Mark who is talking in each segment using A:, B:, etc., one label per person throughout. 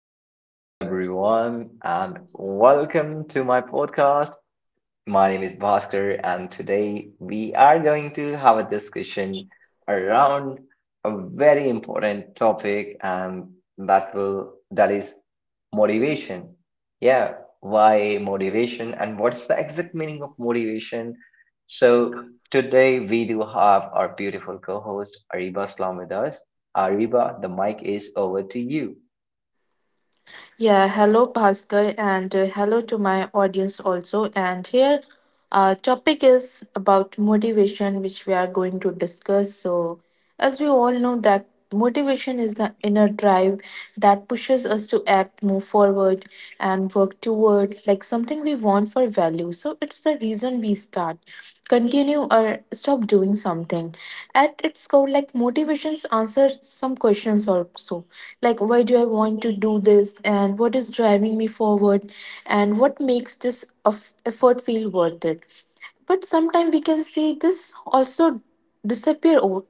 A: Hello, everyone, and welcome to my podcast. My name is Bhaskar, and today we are going to have a discussion around a very important topic, and that is motivation. Yeah, why motivation, and what's the exact meaning of motivation? So today we do have our beautiful co-host Ariba Slam with us. Ariba, the mic is over to you.
B: Yeah, hello Bhaskar and hello to my audience also. And here our topic is about motivation which we are going to discuss. So as we all know that motivation is the inner drive that pushes us to act, move forward and work toward like something we want for value. So it's the reason we start, continue or stop doing something. At its core, like, motivations answer some questions also, like, why do I want to do this, and what is driving me forward, and what makes this of effort feel worth it? But sometimes we can see this also disappear over,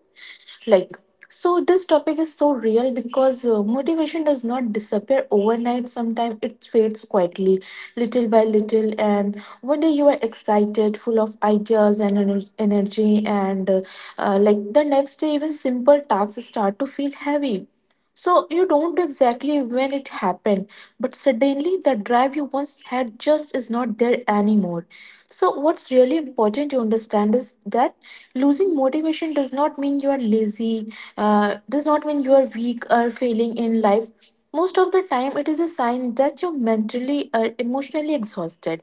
B: like, so this topic is so real because motivation does not disappear overnight. Sometimes it fades quietly, little by little, and one day you are excited, full of ideas and energy, and like, the next day even simple tasks start to feel heavy. So you don't know exactly when it happened, but suddenly the drive you once had just is not there anymore. So what's really important to understand is that losing motivation does not mean you are lazy, does not mean you are weak or failing in life. Most of the time, it is a sign that you're mentally or emotionally exhausted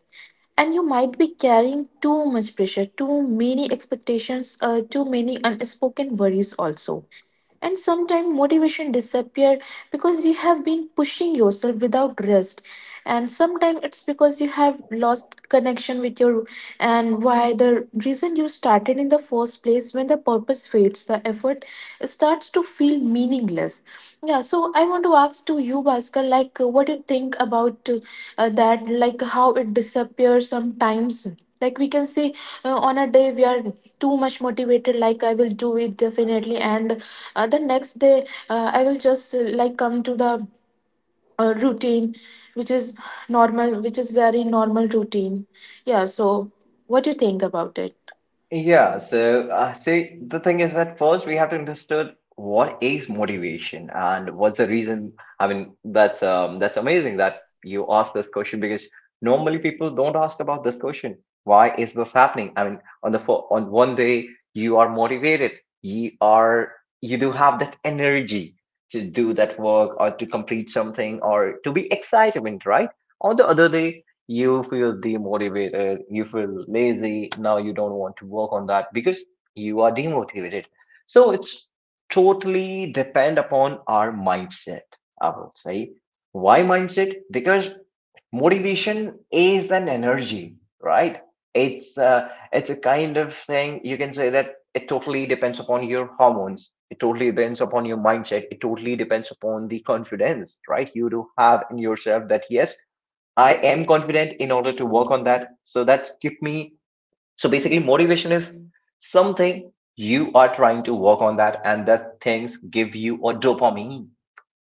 B: and you might be carrying too much pressure, too many expectations, too many unspoken worries also. And sometimes motivation disappear because you have been pushing yourself without rest, and sometimes it's because you have lost connection with your and why, the reason you started in the first place. When the purpose fades, the effort starts to feel meaningless. Yeah, so I want to ask to you, Bhaskar, like, what do you think about that, like, how it disappears sometimes? Like, we can say on a day we are too much motivated, like, I will do it definitely, and the next day I will just like come to the routine, which is normal, which is very normal routine. Yeah, so what do you think about it?
A: Yeah, so see, the thing is that first we have to understand what is motivation and what's the reason. I mean, that's amazing that you asked this question because normally people don't ask about this question. Why is this happening? I mean, on one day you are motivated, you are you do have that energy to do that work or to complete something or to be excitement, right? On the other day you feel demotivated, you feel lazy, now you don't want to work on that because you are demotivated. So it's totally depend upon our mindset, I will say. Why mindset? Because motivation is an energy, right? It's a kind of thing you can say that it totally depends upon your hormones. It totally depends upon your mindset. It totally depends upon the confidence, right? You do have in yourself that yes, I am confident in order to work on that. So that keep me. So basically, motivation is something you are trying to work on that, and that things give you a dopamine.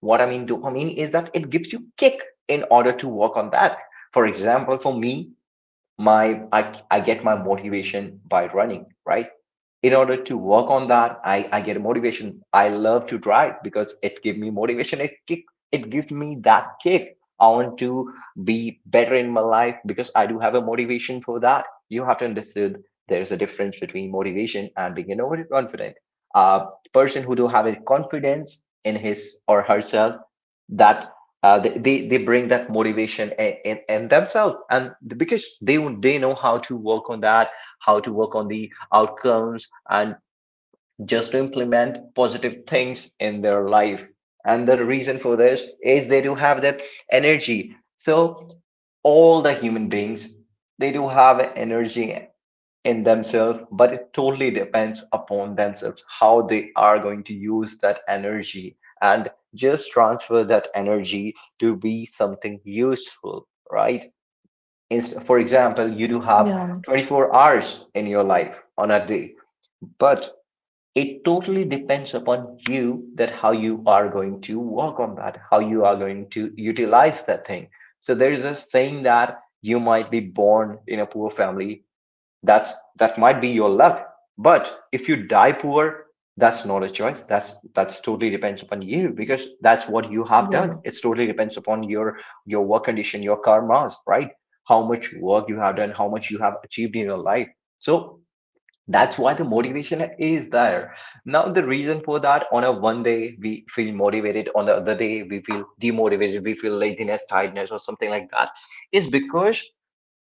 A: What I mean dopamine is that it gives you kick in order to work on that. For example, for me, I get my motivation by running, right? In order to work on that, I get motivation. I love to drive because it gives me motivation. It kick, it gives me that kick. I want to be better in my life because I do have a motivation for that. You have to understand there's a difference between motivation and being overconfident. A person who do have a confidence in his or herself, that they bring that motivation and themselves because they know how to work on that, how to work on the outcomes and just to implement positive things in their life, and the reason for this is they do have that energy. So all the human beings, they do have energy in themselves, but it totally depends upon themselves how they are going to use that energy and just transfer that energy to be something useful, right? For example, you do have
B: Yeah,
A: 24 hours in your life on a day, but it totally depends upon you that how you are going to work on that, how you are going to utilize that thing. So there is a saying that you might be born in a poor family, that might be your luck, but if you die poor, that's not a choice. That's that's totally depends upon you because that's what you have done.
B: yeah,
A: It's totally depends upon your work condition, your karmas, right? How much work you have done, how much you have achieved in your life. So that's why the motivation is there. Now the reason for that on a one day we feel motivated, on the other day we feel demotivated, we feel laziness, tiredness, or something like that is because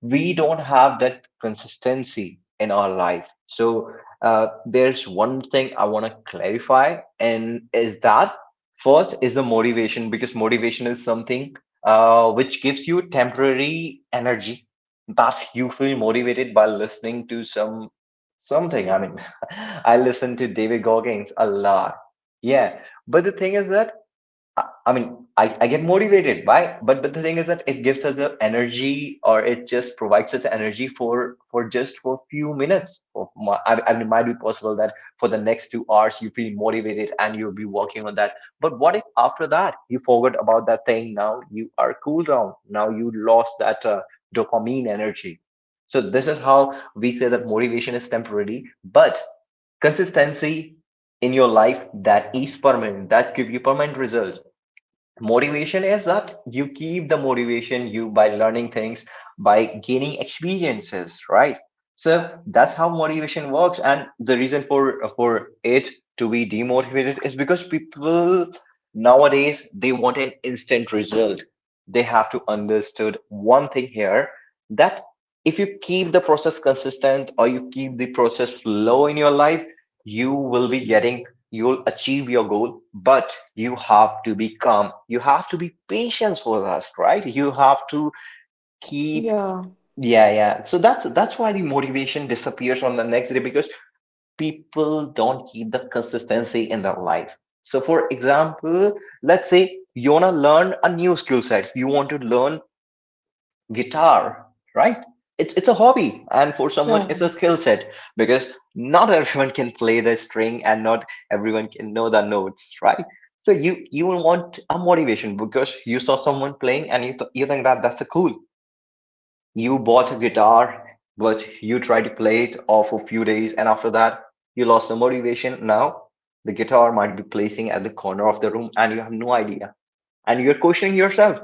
A: we don't have that consistency in our life. So there's one thing I want to clarify, and is that first is the motivation, because motivation is something which gives you temporary energy, that you feel motivated by listening to some something. I mean, I listen to David Goggins a lot. Yeah, but the thing is that I get motivated. Why? But the thing is that it gives us the energy, or it just provides us energy for just for few minutes. I mean, it might be possible that for the next two hours you feel motivated and you'll be working on that. But what if after that you forgot about that thing? Now you are cool down. Now you lost that dopamine energy. So this is how we say that motivation is temporary, but consistency in your life, that is permanent, that give you permanent results. Motivation is that you keep the motivation you by learning things, by gaining experiences, right? So that's how motivation works. And the reason for it to be demotivated is because people nowadays they want an instant result. They have to understood one thing here that if you keep the process consistent or you keep the process flow in your life, you will be getting you'll achieve your goal, but you have to be calm, you have to be patient with us, right? You have to keep,
B: yeah,
A: yeah, yeah, so that's why the motivation disappears on the next day because people don't keep the consistency in their life. So for example, let's say you want to learn a new skill set. You want to learn guitar, right? It's a hobby, and for someone, it's
B: yeah,
A: a skill set, because not everyone can play the string, and not everyone can know the notes, right? So you will want a motivation because you saw someone playing, and you think that that's a cool. You bought a guitar, but you tried to play it all for a few days, and after that, you lost the motivation. Now the guitar might be placing at the corner of the room, and you have no idea, and you're questioning yourself,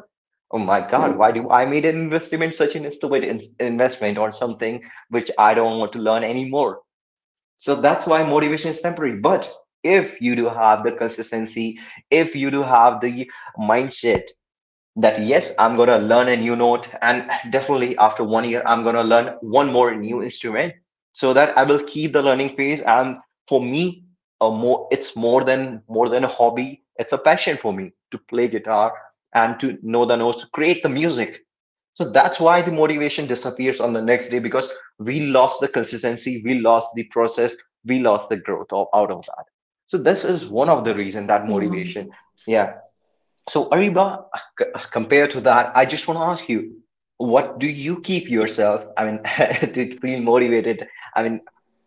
A: oh my God, why do I made an investment, such an stupid in investment or something which I don't want to learn anymore? So that's why motivation is temporary. But if you do have the consistency, if you do have the mindset that yes, I'm going to learn a new note, and definitely after one year I'm going to learn one more new instrument, so that I will keep the learning phase. And for me, a more it's more than a hobby, it's a passion for me to play guitar and to know the notes, to create the music. So that's why the motivation disappears on the next day because we lost the consistency, we lost the process, we lost the growth of, out of that. So this is one of the reason that
B: yeah.
A: motivation, yeah. So, Ariba, compared to that, I just want to ask you, what do you keep yourself? I mean, to feel motivated. I mean,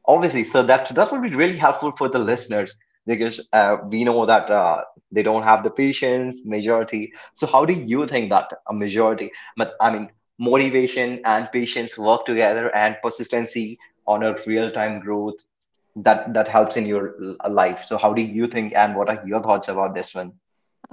A: obviously, so that that would be really helpful for the listeners because we know that they don't have the patience majority. So, how do you think that a majority? But I mean, motivation and patience work together, and persistency on a real-time growth, that that helps in your life. So, how do you think, and what are your thoughts about this one?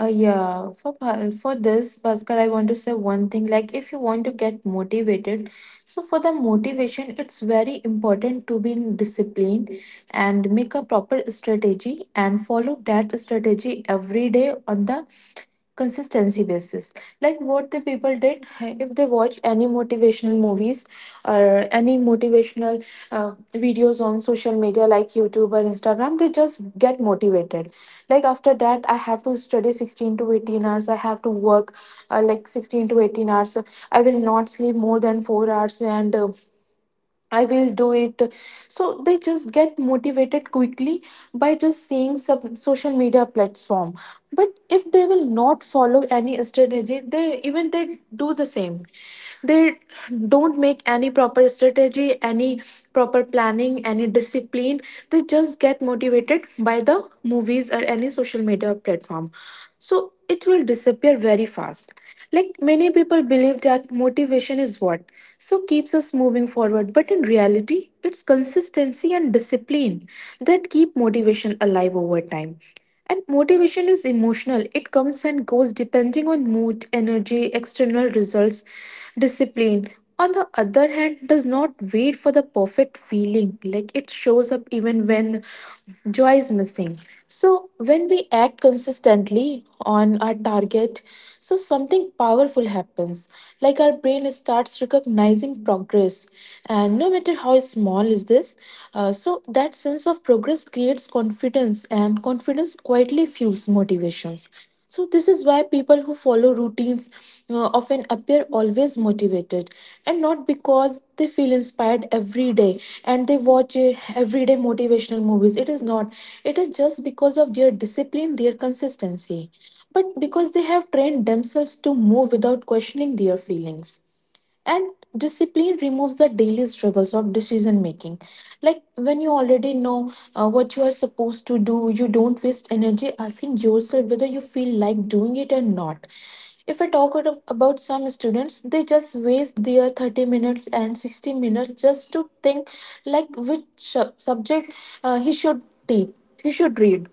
B: Yeah, for for this, Bhaskar, I want to say one thing. Like, if you want to get motivated, so for the motivation, it's very important to be in discipline and make a proper strategy and follow that strategy every day on the consistency basis, like what the people did. If they watch any motivational movies or any motivational uh, videos on social media like YouTube or Instagram, they just get motivated. Like, after that I have to study 16 to 18 hours, I have to work like 16 to 18 hours, I will not sleep more than 4 hours, and I will do it. So they just get motivated quickly by just seeing some social media platform. But if they will not follow any strategy, they even they do the same, they don't make any proper strategy, any proper planning, any discipline, they just get motivated by the movies or any social media platform, so it will disappear very fast. Like, many people believe that motivation is what so keeps us moving forward, but in reality it's consistency and discipline that keep motivation alive over time. And motivation is emotional, it comes and goes depending on mood, energy, external results. Discipline, on the other hand, does not wait for the perfect feeling. Like, it shows up even when joy is missing. So when we act consistently on our target, so something powerful happens. Like, our brain starts recognizing progress. And no matter how small is this, so that sense of progress creates confidence, and confidence quietly fuels motivations. So this is why people who follow routines often appear always motivated, and not because they feel inspired every day and they watch everyday motivational movies. It is not, it is just because of their discipline, their consistency, but because they have trained themselves to move without questioning their feelings. And discipline removes the daily struggles of decision making, like when you already know what you are supposed to do, you don't waste energy asking yourself whether you feel like doing it or not. If I talk about some students, they just waste their 30 minutes and 60 minutes just to think, like, which subject he should take, he should read.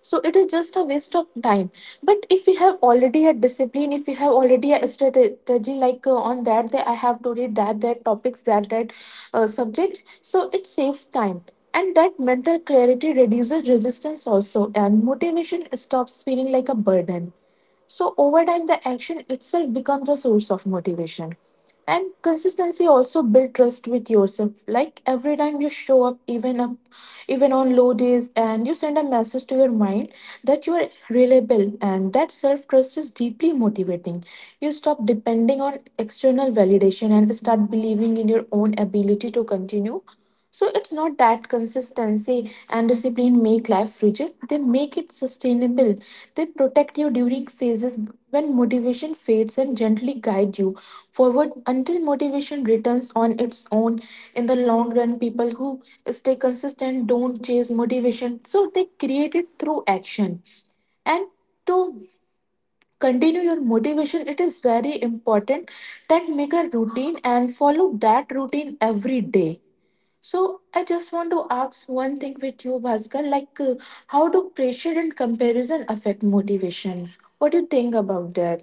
B: So it is just a waste of time. But if we have already a discipline, if we have already a strategy, like, on that, that I have to read that, that topics, that, that subjects, so it saves time. And that mental clarity reduces resistance also, and motivation stops feeling like a burden. So over time, the action itself becomes a source of motivation. And consistency also builds trust with yourself. Like, every time you show up, even up, even on low days, and you send a message to your mind that you are reliable, and that self trust is deeply motivating. You stop depending on external validation and start believing in your own ability to continue. So it's not that consistency and discipline make life rigid, they make it sustainable. They protect you during phases when motivation fades and gently guide you forward until motivation returns on its own. In the long run, people who stay consistent don't chase motivation. So they create it through action. And to continue your motivation, it is very important that make a routine and follow that routine every day. So I just want to ask one thing with you, Bhaskar. Like, how do pressure and comparison affect motivation? What do you think about that?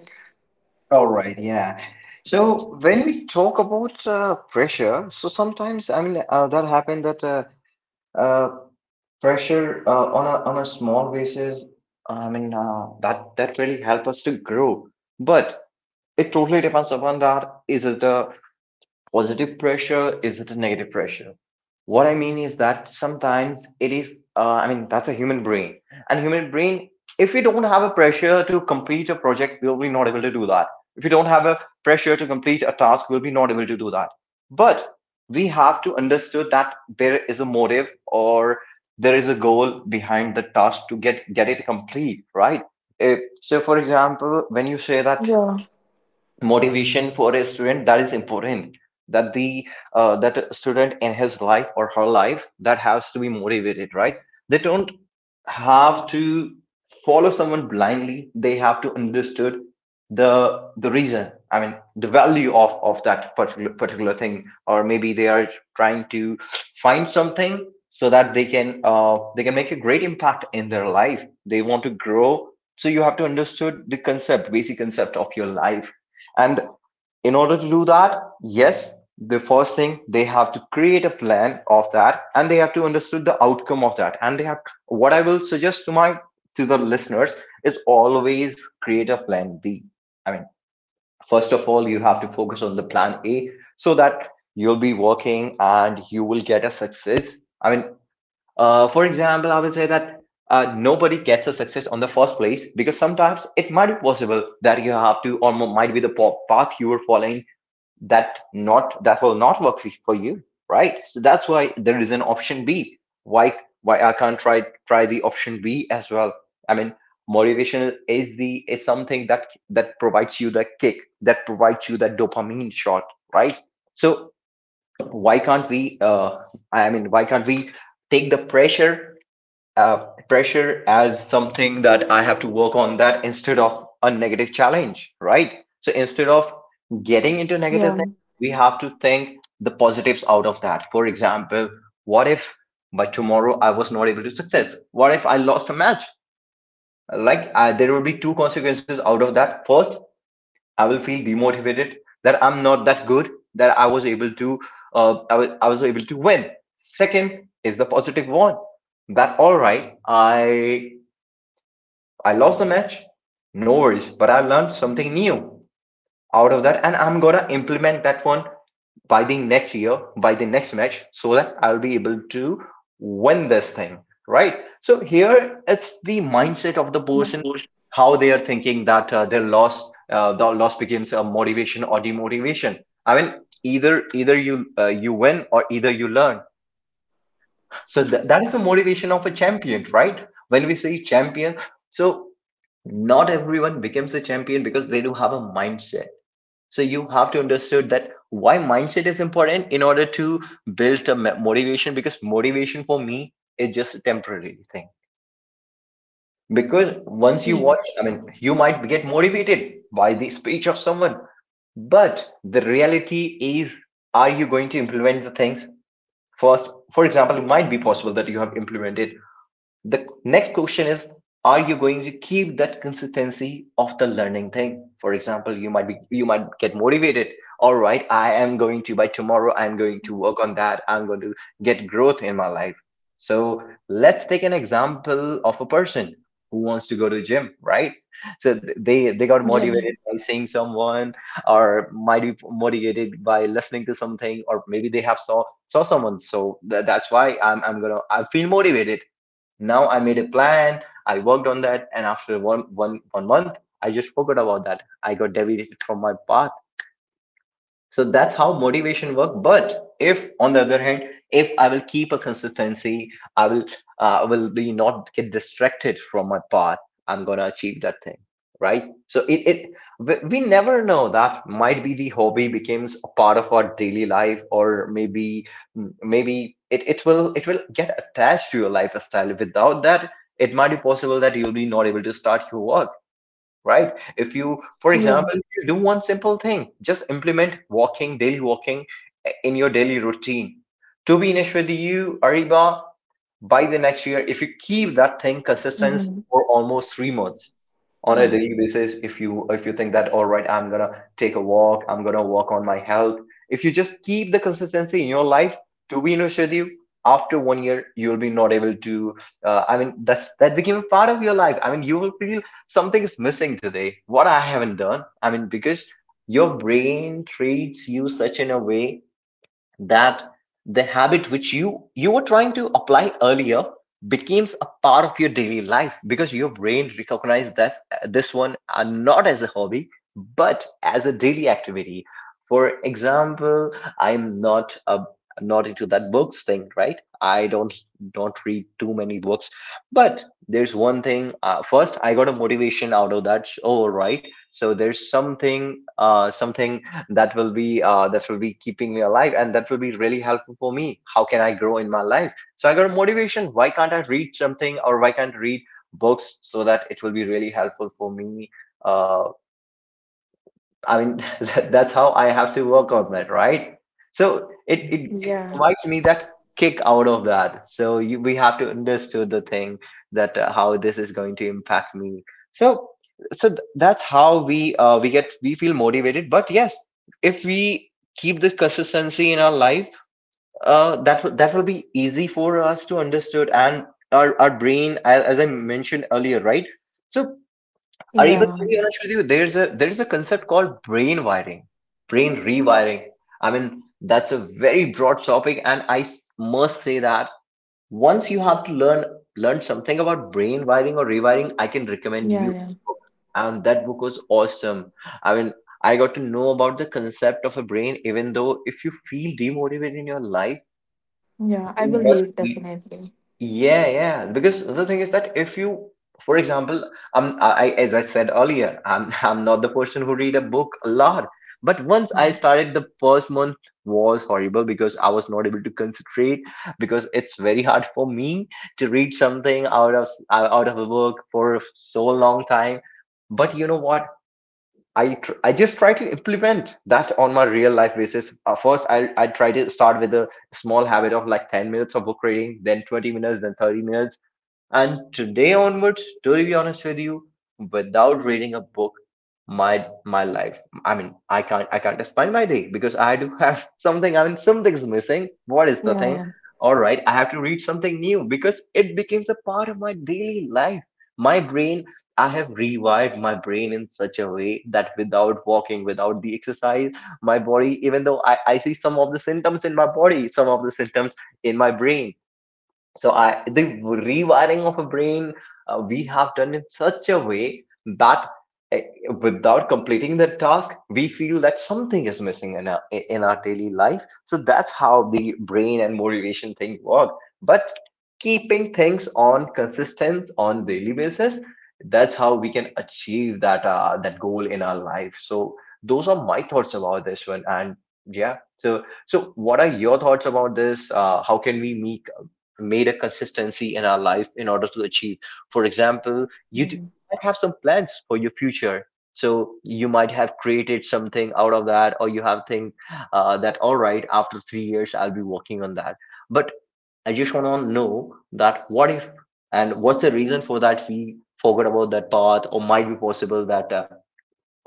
A: All right, yeah. So when we talk about pressure, so sometimes that happened that uh, pressure on a small basis, that that really help us to grow. But it totally depends upon that. Is it the positive pressure? Is it a negative pressure? What I mean is that sometimes it is, I mean, that's a human brain. And human brain, if we don't have a pressure to complete a project, we'll be not able to do that. If we don't have a pressure to complete a task, we'll be not able to do that. But we have to understood that there is a motive, or there is a goal behind the task to get it complete, right? If, so, for example, when you say that
B: Yeah,
A: motivation for a student, that is important, that the that a student in his life or her life, that has to be motivated, right? They don't have to follow someone blindly. They have to understood the reason, I mean the value of that particular particular thing, or maybe they are trying to find something so that they can make a great impact in their life. They want to grow. So you have to understood the concept, basic concept of your life. And in order to do that, yes, the first thing, they have to create a plan of that, and they have to understood the outcome of that. And they have, what I will suggest to my, to the listeners is always create a plan B. I mean, first of all, you have to focus on the plan A so that you'll be working and you will get a success. I mean, for example, I will say that nobody gets a success on the first place, because sometimes it might be possible that you have to, or might be the path you were following, that not that will not work for you, right? So that's why there is an option B. Why I can't try the option B as well. I mean, motivation is the is something that provides you the kick, that provides you that dopamine shot, right? So why can't we take the pressure, pressure as something that I have to work on, that, instead of a negative challenge, right? So instead of getting into negative
B: yeah,
A: things, we have to think the positives out of that. For example, what if by tomorrow I was not able to success? What if I lost a match? There will be two consequences out of that. First, I will feel demotivated, that I'm not that good, that I was able to win. Second is the positive one. That, all right, I lost the match, no worries, but I learned something new out of that, and I'm gonna implement that one by the next year, by the next match, so that I'll be able to win this thing, right? So here it's the mindset of the person,
B: yeah,
A: how they are thinking, that the loss becomes a motivation or demotivation. I mean, either you you win, or either you learn. So that is the motivation of a champion, right? When we say champion, so not everyone becomes a champion, because they do have a mindset. So you have to understand that why mindset is important, in order to build a motivation, because motivation for me is just a temporary thing. Because once you
B: yeah,
A: watch, I mean, you might get motivated by the speech of someone, but the reality is, are you going to implement the things first? For example, it might be possible that you have implemented. The next question is, are you going to keep that consistency of the learning thing? For example, you might be, you might get motivated, all right, I am going to, by tomorrow I'm going to work on that, I'm going to get growth in my life. So let's take an example of a person who wants to go to the gym, right? So they got
B: yeah,
A: motivated by seeing someone, or might be motivated by listening to something, or maybe they have saw someone, so that's why I'm gonna, I feel motivated. Now I made a plan. I worked on that, and after one month, I just forgot about that. I got deleted from my path. So that's how motivation work. But if, on the other hand, if I will keep a consistency, I will be not get distracted from my path. I'm gonna achieve that thing, right? So it, we never know, that might be the hobby becomes a part of our daily life, or maybe it will, it will get attached to your lifestyle. Without that, it might be possible that you'll be not able to start your work, right? If you, for
B: yeah.
A: example, if you do one simple thing, just implement walking, daily walking in your daily routine. To be honest with you, Ariba, by the next year, if you keep that thing consistent
B: Mhm.
A: for almost 3 months on a
B: Mm.
A: daily basis, if you think that, all right, I'm gonna take a walk, I'm gonna work on my health. If you just keep the consistency in your life, to be honest with you, after 1 year, you'll be not able to. That's that became a part of your life. I mean, you will feel something is missing today, what I haven't done. I mean, because your brain treats you such in a way, that the habit which you were trying to apply earlier, becomes a part of your daily life, because your brain recognized that, this one are not as a hobby, but as a daily activity. For example, I'm not into that books thing, right? I don't read too many books. But there's one thing, first I got a motivation out of that. Oh, right, so there's something, uh, something that will be, that will be keeping me alive, and that will be really helpful for me. How can I grow in my life? So I got a motivation, why can't I read something, or why can't I read books, so that it will be really helpful for me. uh, that's how I have to work on that, right? So it
B: Yeah,
A: provides me that kick out of that. So we have to understood the thing, that how this is going to impact me. So that's how we get we feel motivated. But yes, if we keep this consistency in our life, that will be easy for us to understood, and our brain, as I mentioned earlier, right? So or even
B: yeah,
A: to be honest with you, there's a concept called brain wiring, brain rewiring. I mean, that's a very broad topic, and I must say that once you have to learn something about brain wiring or rewiring, I can recommend
B: yeah.
A: you
B: Yeah.
A: a book. And that book was awesome. I mean, I got to know about the concept of a brain. Even though, if you feel demotivated in your life,
B: Yeah, I
A: you
B: will
A: must
B: read
A: read.
B: definitely.
A: Yeah, yeah. Because the thing is that if you, for example, as I said earlier, I'm I'm not the person who read a book a lot. But once I
B: Yeah,
A: started, the first month was horrible because I was not able to concentrate, because it's very hard for me to read something out of out of a book for so long time. But you know what? I just try to implement that on my real life basis. First, I try to start with a small habit of like 10 minutes of book reading, then 20 minutes, then 30 minutes, and today onwards, to be honest with you, without reading a book, my life, I mean, I can't spend my day, because I do have something, I mean, something's missing. What is the
B: yeah.
A: thing?
B: Yeah.
A: All right, I have to read something new, because it becomes a part of my daily life. My brain, I have rewired my brain in such a way that, without walking, without the exercise, my body, I see some of the symptoms in my body, some of the symptoms in my brain. So the rewiring of a brain, we have done in such a way that, uh, without completing the task, we feel that something is missing in our daily life. So that's how the brain and motivation thing work. But keeping things on consistent on daily basis, that's how we can achieve that goal in our life. So those are my thoughts about this one. And yeah, so what are your thoughts about this? How can we make made a consistency in our life in order to achieve. For example,
B: Mhm.
A: might have some plans for your future. So you might have created something out of that, or you have think that, all right, after 3 years I'll be working on that. But I just want to know that, what if, and what's the reason for that we forgot about that path, or might be possible that,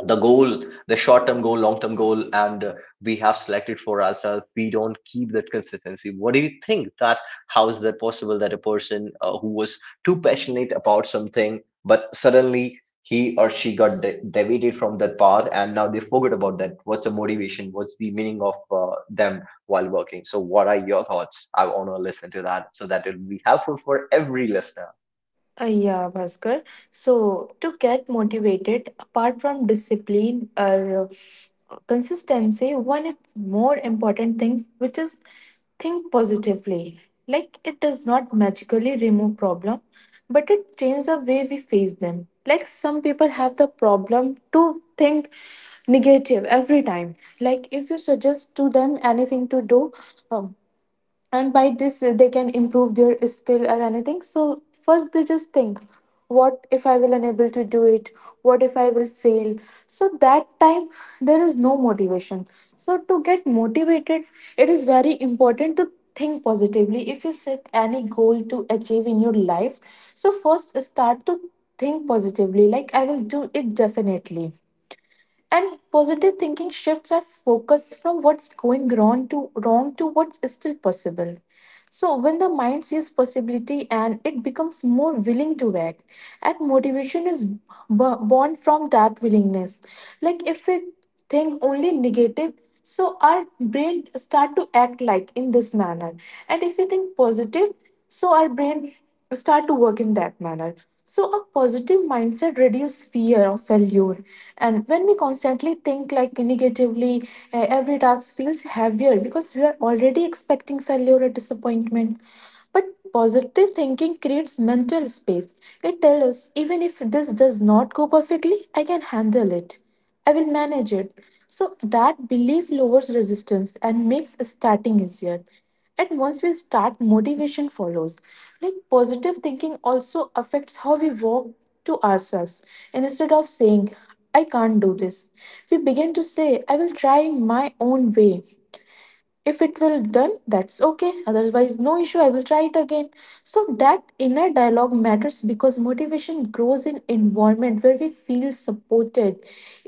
A: the goal, the short term goal, long term goal, and we have selected for ourselves. We don't keep that consistency. What do you think, that how is that possible, that a person who was too passionate about something, but suddenly he or she got deviated from that path, and now they forgot about that? What's the motivation? What's the meaning of them while working? So, what are your thoughts? I want to listen to that, so that it'll be helpful for every listener.
B: Yeah, Bhaskar. So to get motivated, apart from discipline or consistency, one is more important thing, which is think positively. Like, it does not magically remove problem, but it changes the way we face them. Like, some people have the problem to think negative every time. Like, if you suggest to them anything to do, um, and by this they can improve their skill or anything, so first they just think, what if I will unable to do it, what if I will fail? So that time there is no motivation. So to get motivated, it is very important to think positively. If you set any goal to achieve in your life, so first start to think positively, like, I will do it definitely. And positive thinking shifts our focus from what's going wrong to wrong to what's still possible. So when the mind sees possibility, and it becomes more willing to act, and motivation is born from that willingness. Like, if we think only negative, so our brain start to act like in this manner, and if we think positive, so our brain start to work in that manner. So a positive mindset reduce fear of failure. And when we constantly think like negatively, every task feels heavier because we are already expecting failure or disappointment. But positive thinking creates mental space. It tells us, even if this does not go perfectly, I can handle it. I will manage it. So that belief lowers resistance and makes starting easier. And once we start, motivation follows. Like, positive thinking also affects how we walk to ourselves. And instead of saying, I can't do this, we begin to say, I will try in my own way. If it will done, that's okay, otherwise no issue, I will try it again. So that inner dialogue matters because motivation grows in environment where we feel supported,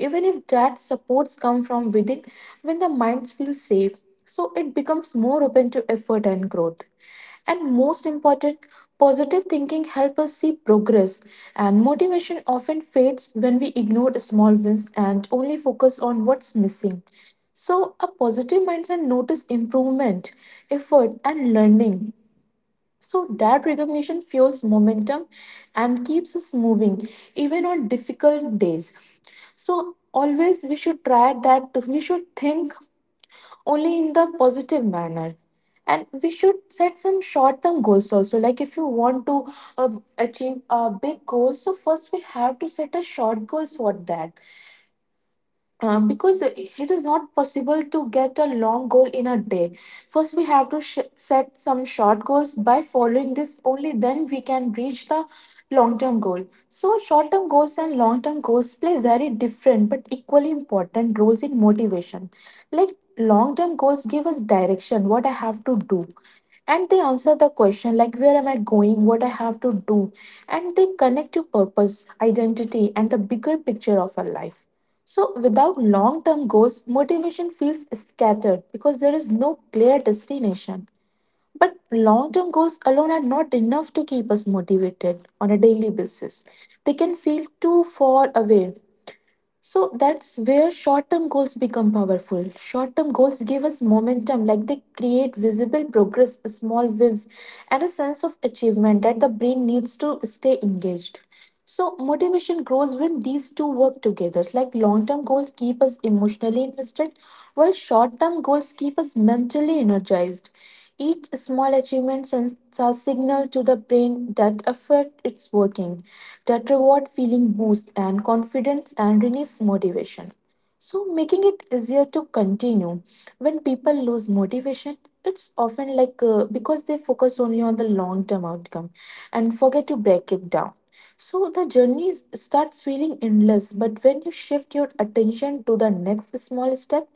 B: even if that supports come from within. When the minds feel safe, so it becomes more open to effort and growth. And most important, positive thinking helps us see progress, and motivation often fades when we ignore small wins and only focus on what's missing. So a positive mindset notice improvement, effort, and learning. So that recognition fuels momentum and keeps us moving even on difficult days. So always we should try that we should think only in the positive manner, and we should set some short term goals also. Like, if you want to uh, achieve a big goal, so first we have to set a short goals for that, because it is not possible to get a long goal in a day. First, we have to set some short goals. By following this, only then we can reach the long term goal. So short term goals and long term goals play very different but equally important roles in motivation. Like, long term goals give us direction, what I have to do, and they answer the question, like, where am I going, what I have to do. And they connect to purpose, identity, and the bigger picture of our life. So without long term goals, motivation feels scattered because there is no clear destination. But long term goals alone are not enough to keep us motivated on a daily basis. They can feel too far away. So that's where short term goals become powerful. Short term goals give us momentum. Like, they create visible progress, small wins, and a sense of achievement that the brain needs to stay engaged. So motivation grows when these two work together. Like, long term goals keep us emotionally invested, while short term goals keep us mentally energized. Each small achievement sends a signal to the brain that effort is working, that reward feeling boosts and confidence and relieves motivation. So making it easier to continue. When people lose motivation, it's often like because they focus only on the long term outcome and forget to break it down. So the journey starts feeling endless, but when you shift your attention to the next small step,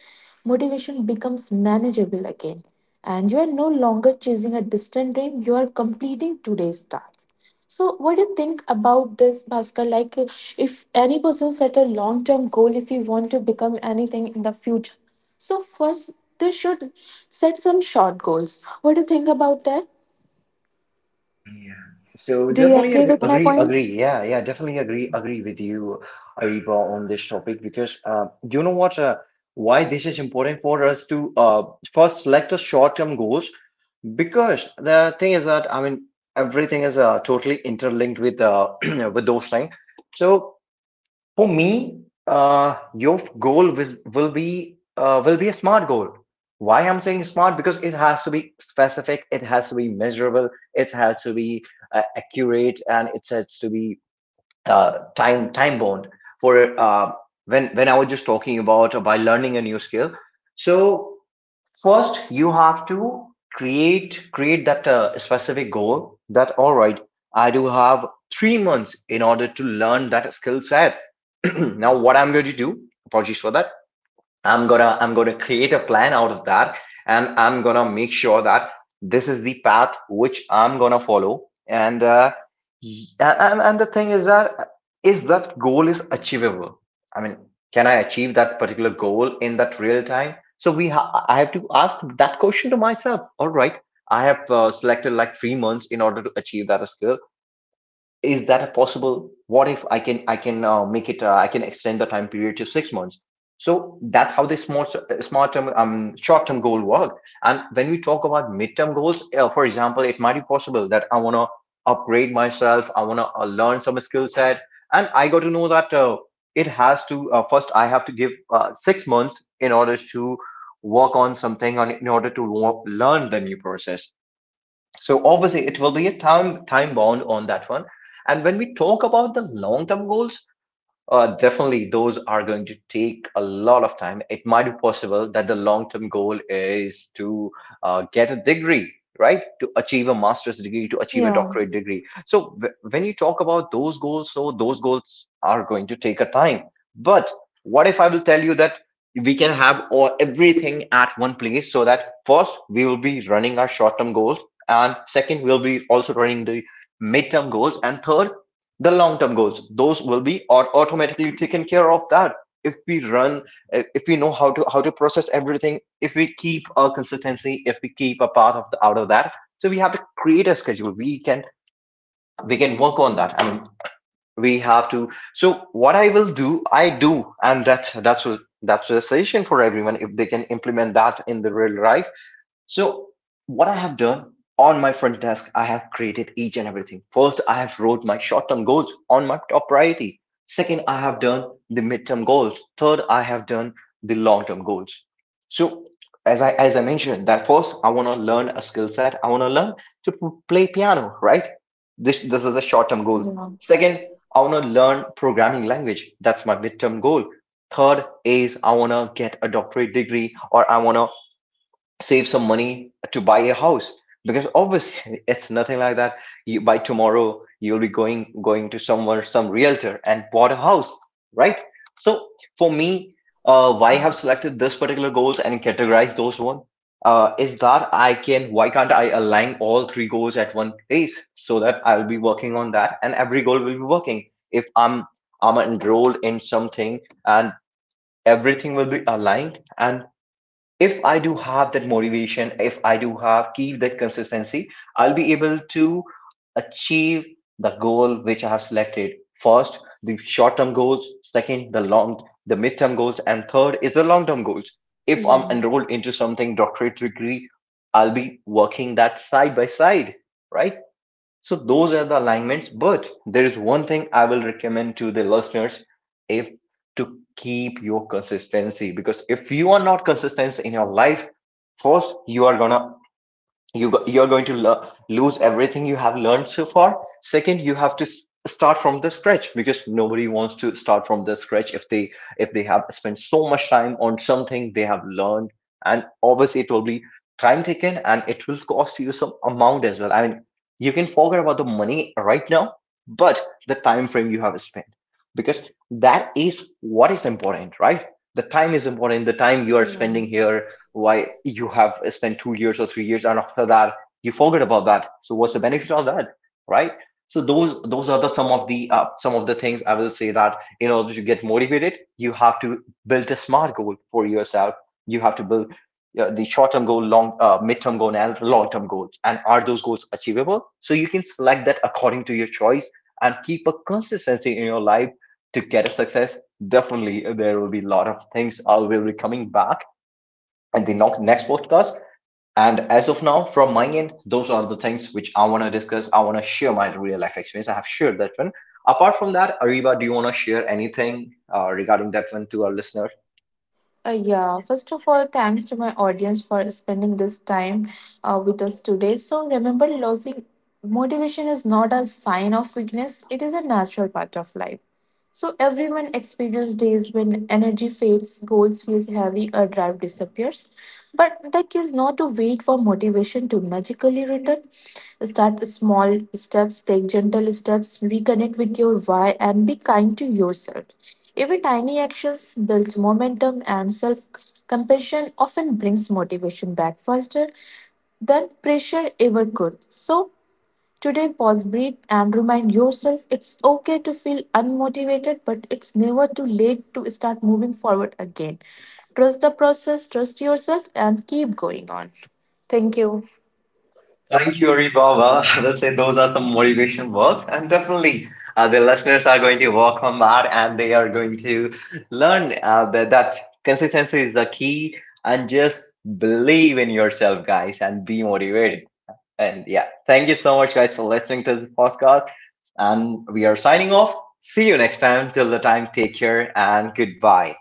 B: motivation becomes manageable again. And you are no longer chasing a distant dream, you are completing today's task. So what do you think about this, Bhaskar? Like, if any person set a long term goal, if you want to become anything in the future, so first they should set some short goals. What do you think about that?
A: Yeah. So
B: Do you
A: definitely
B: agree with my
A: agree.
B: points?
A: Yeah, yeah, definitely agree with you, Ariba, on this topic, because you know what? Why this is important for us to, first select the short-term goals, because the thing is that, I mean, everything is totally interlinked with with those things. So for me, your goal will be, will be a smart goal. Why I'm saying smart, because it has to be specific, it has to be measurable, it has to be accurate, and it has to be time bound for, when I was just talking about by learning a new skill. So first you have to create that specific goal that, all right, I do have 3 months in order to learn that skill set. Now what I'm going to do, apologies for that, I'm gonna create a plan out of that, and I'm gonna make sure that this is the path which I'm gonna follow, and the thing is that goal is achievable. I mean, can I achieve that particular goal in that real time? So I have to ask that question to myself. All right, I have selected like 3 months in order to achieve that skill. Is that possible? What if I can make it? I can extend the time period to 6 months. So that's how the smart smart term short term goal work. And when we talk about midterm goals, for example, it might be possible that I want to upgrade myself, I want to learn some skill set, and I got to know that it has to first I have to give 6 months in order to work on something, on in order to learn the new process. So obviously, it will be a time time bound on that one. And when we talk about the long-term goals, definitely, those are going to take a lot of time. It might be possible that the long-term goal is to get a degree, right? To achieve a master's degree, to achieve a
B: Yeah.
A: doctorate degree. So when you talk about those goals, so those goals are going to take a time. But what if I will tell you that we can have all everything at one place, so that first we will be running our short-term goals, and second we'll be also running the midterm goals, and third the long-term goals, those will be automatically taken care of. That if we run, if we know how to process everything, if we keep a consistency, if we keep a path of out of that. So we have to create a schedule, we can work on that. I mean, we have to. So what I will do, I do, and that's a suggestion for everyone if they can implement that in the real life. So what I have done on my front desk, I have created each and everything. First, I have wrote my short-term goals on my top priority. Second, I have done the midterm goals. Third, I have done the long-term goals. So as I mentioned, that first I want to learn a skill set. I want to learn to play piano, right? This is a short-term goal.
B: Yeah.
A: Second, I want to learn programming language. That's my midterm goal. Third is I want to get a doctorate degree, or I want to save some money to buy a house, because obviously it's nothing like that, you by tomorrow you'll be going to somewhere, some realtor, and bought a house, right? So for me, why I have selected this particular goals and categorized those one, is that I can, why can't I align all three goals at one place, so that I'll be working on that and every goal will be working. If I'm enrolled in something, and everything will be aligned. And if I do have that motivation, if I do have keep that consistency, I'll be able to achieve the goal which I have selected. First, the short-term goals. Second, the mid-term goals, and third is the long-term goals. If I'm
B: Yeah.
A: enrolled into something, doctorate degree, I'll be working that side by side, right? So those are the alignments, but there is one thing I will recommend to the listeners, if, to keep your consistency, because if you are not consistent in your life, first you are gonna, you're going to lose everything you have learned so far. Second, you have to start from the scratch, because nobody wants to start from the scratch if they, if they have spent so much time on something they have learned. And obviously it will be time taken, and it will cost you some amount as well. I mean, you can forget about the money right now, but the time frame you have spent, because that is what is important, right? The time is important, the time you are spending
B: Mm.
A: here. Why you have spent 2 years or 3 years, and after that you forget about that, so what's the benefit of that, right? So those are the some of the some of the things I will say, that in order to get motivated you have to build a smart goal for yourself. You have to build the short-term goal, long mid-term goal, and long-term goals, and are those goals achievable, so you can select that according to your choice, and keep a consistency in your life to get a success. Definitely there will be a lot of things, I will be coming back in the next podcast. And as of now, from my end, those are the things which I want to discuss. I want to share my real life experience. I have shared that one. Apart from that, Ariba, do you want to share anything regarding that one to our listeners?
B: Yeah. First of all, thanks to my audience for spending this time with us today. So remember, losing motivation is not a sign of weakness, it is a natural part of life. So everyone experiences days when energy fades, goals feels heavy, or drive disappears. But the key is not to wait for motivation to magically return. Start small steps, take gentle steps, reconnect with your why, and be kind to yourself. Every tiny action builds momentum, and self compassion often brings motivation back faster than pressure ever could. So today, pause, breathe, and remind yourself it's okay to feel unmotivated, but it's never too late to start moving forward again. Trust the process, trust yourself, and keep going on. Thank you.
A: Thank you, Ariba. Let's say those are some motivation words, and definitely the listeners are going to work on that, and they are going to learn that consistency is the key, and just believe in yourself, guys, and be motivated. And yeah, thank you so much, guys, for listening to this podcast. And we are signing off. See you next time. Till the time, take care and goodbye.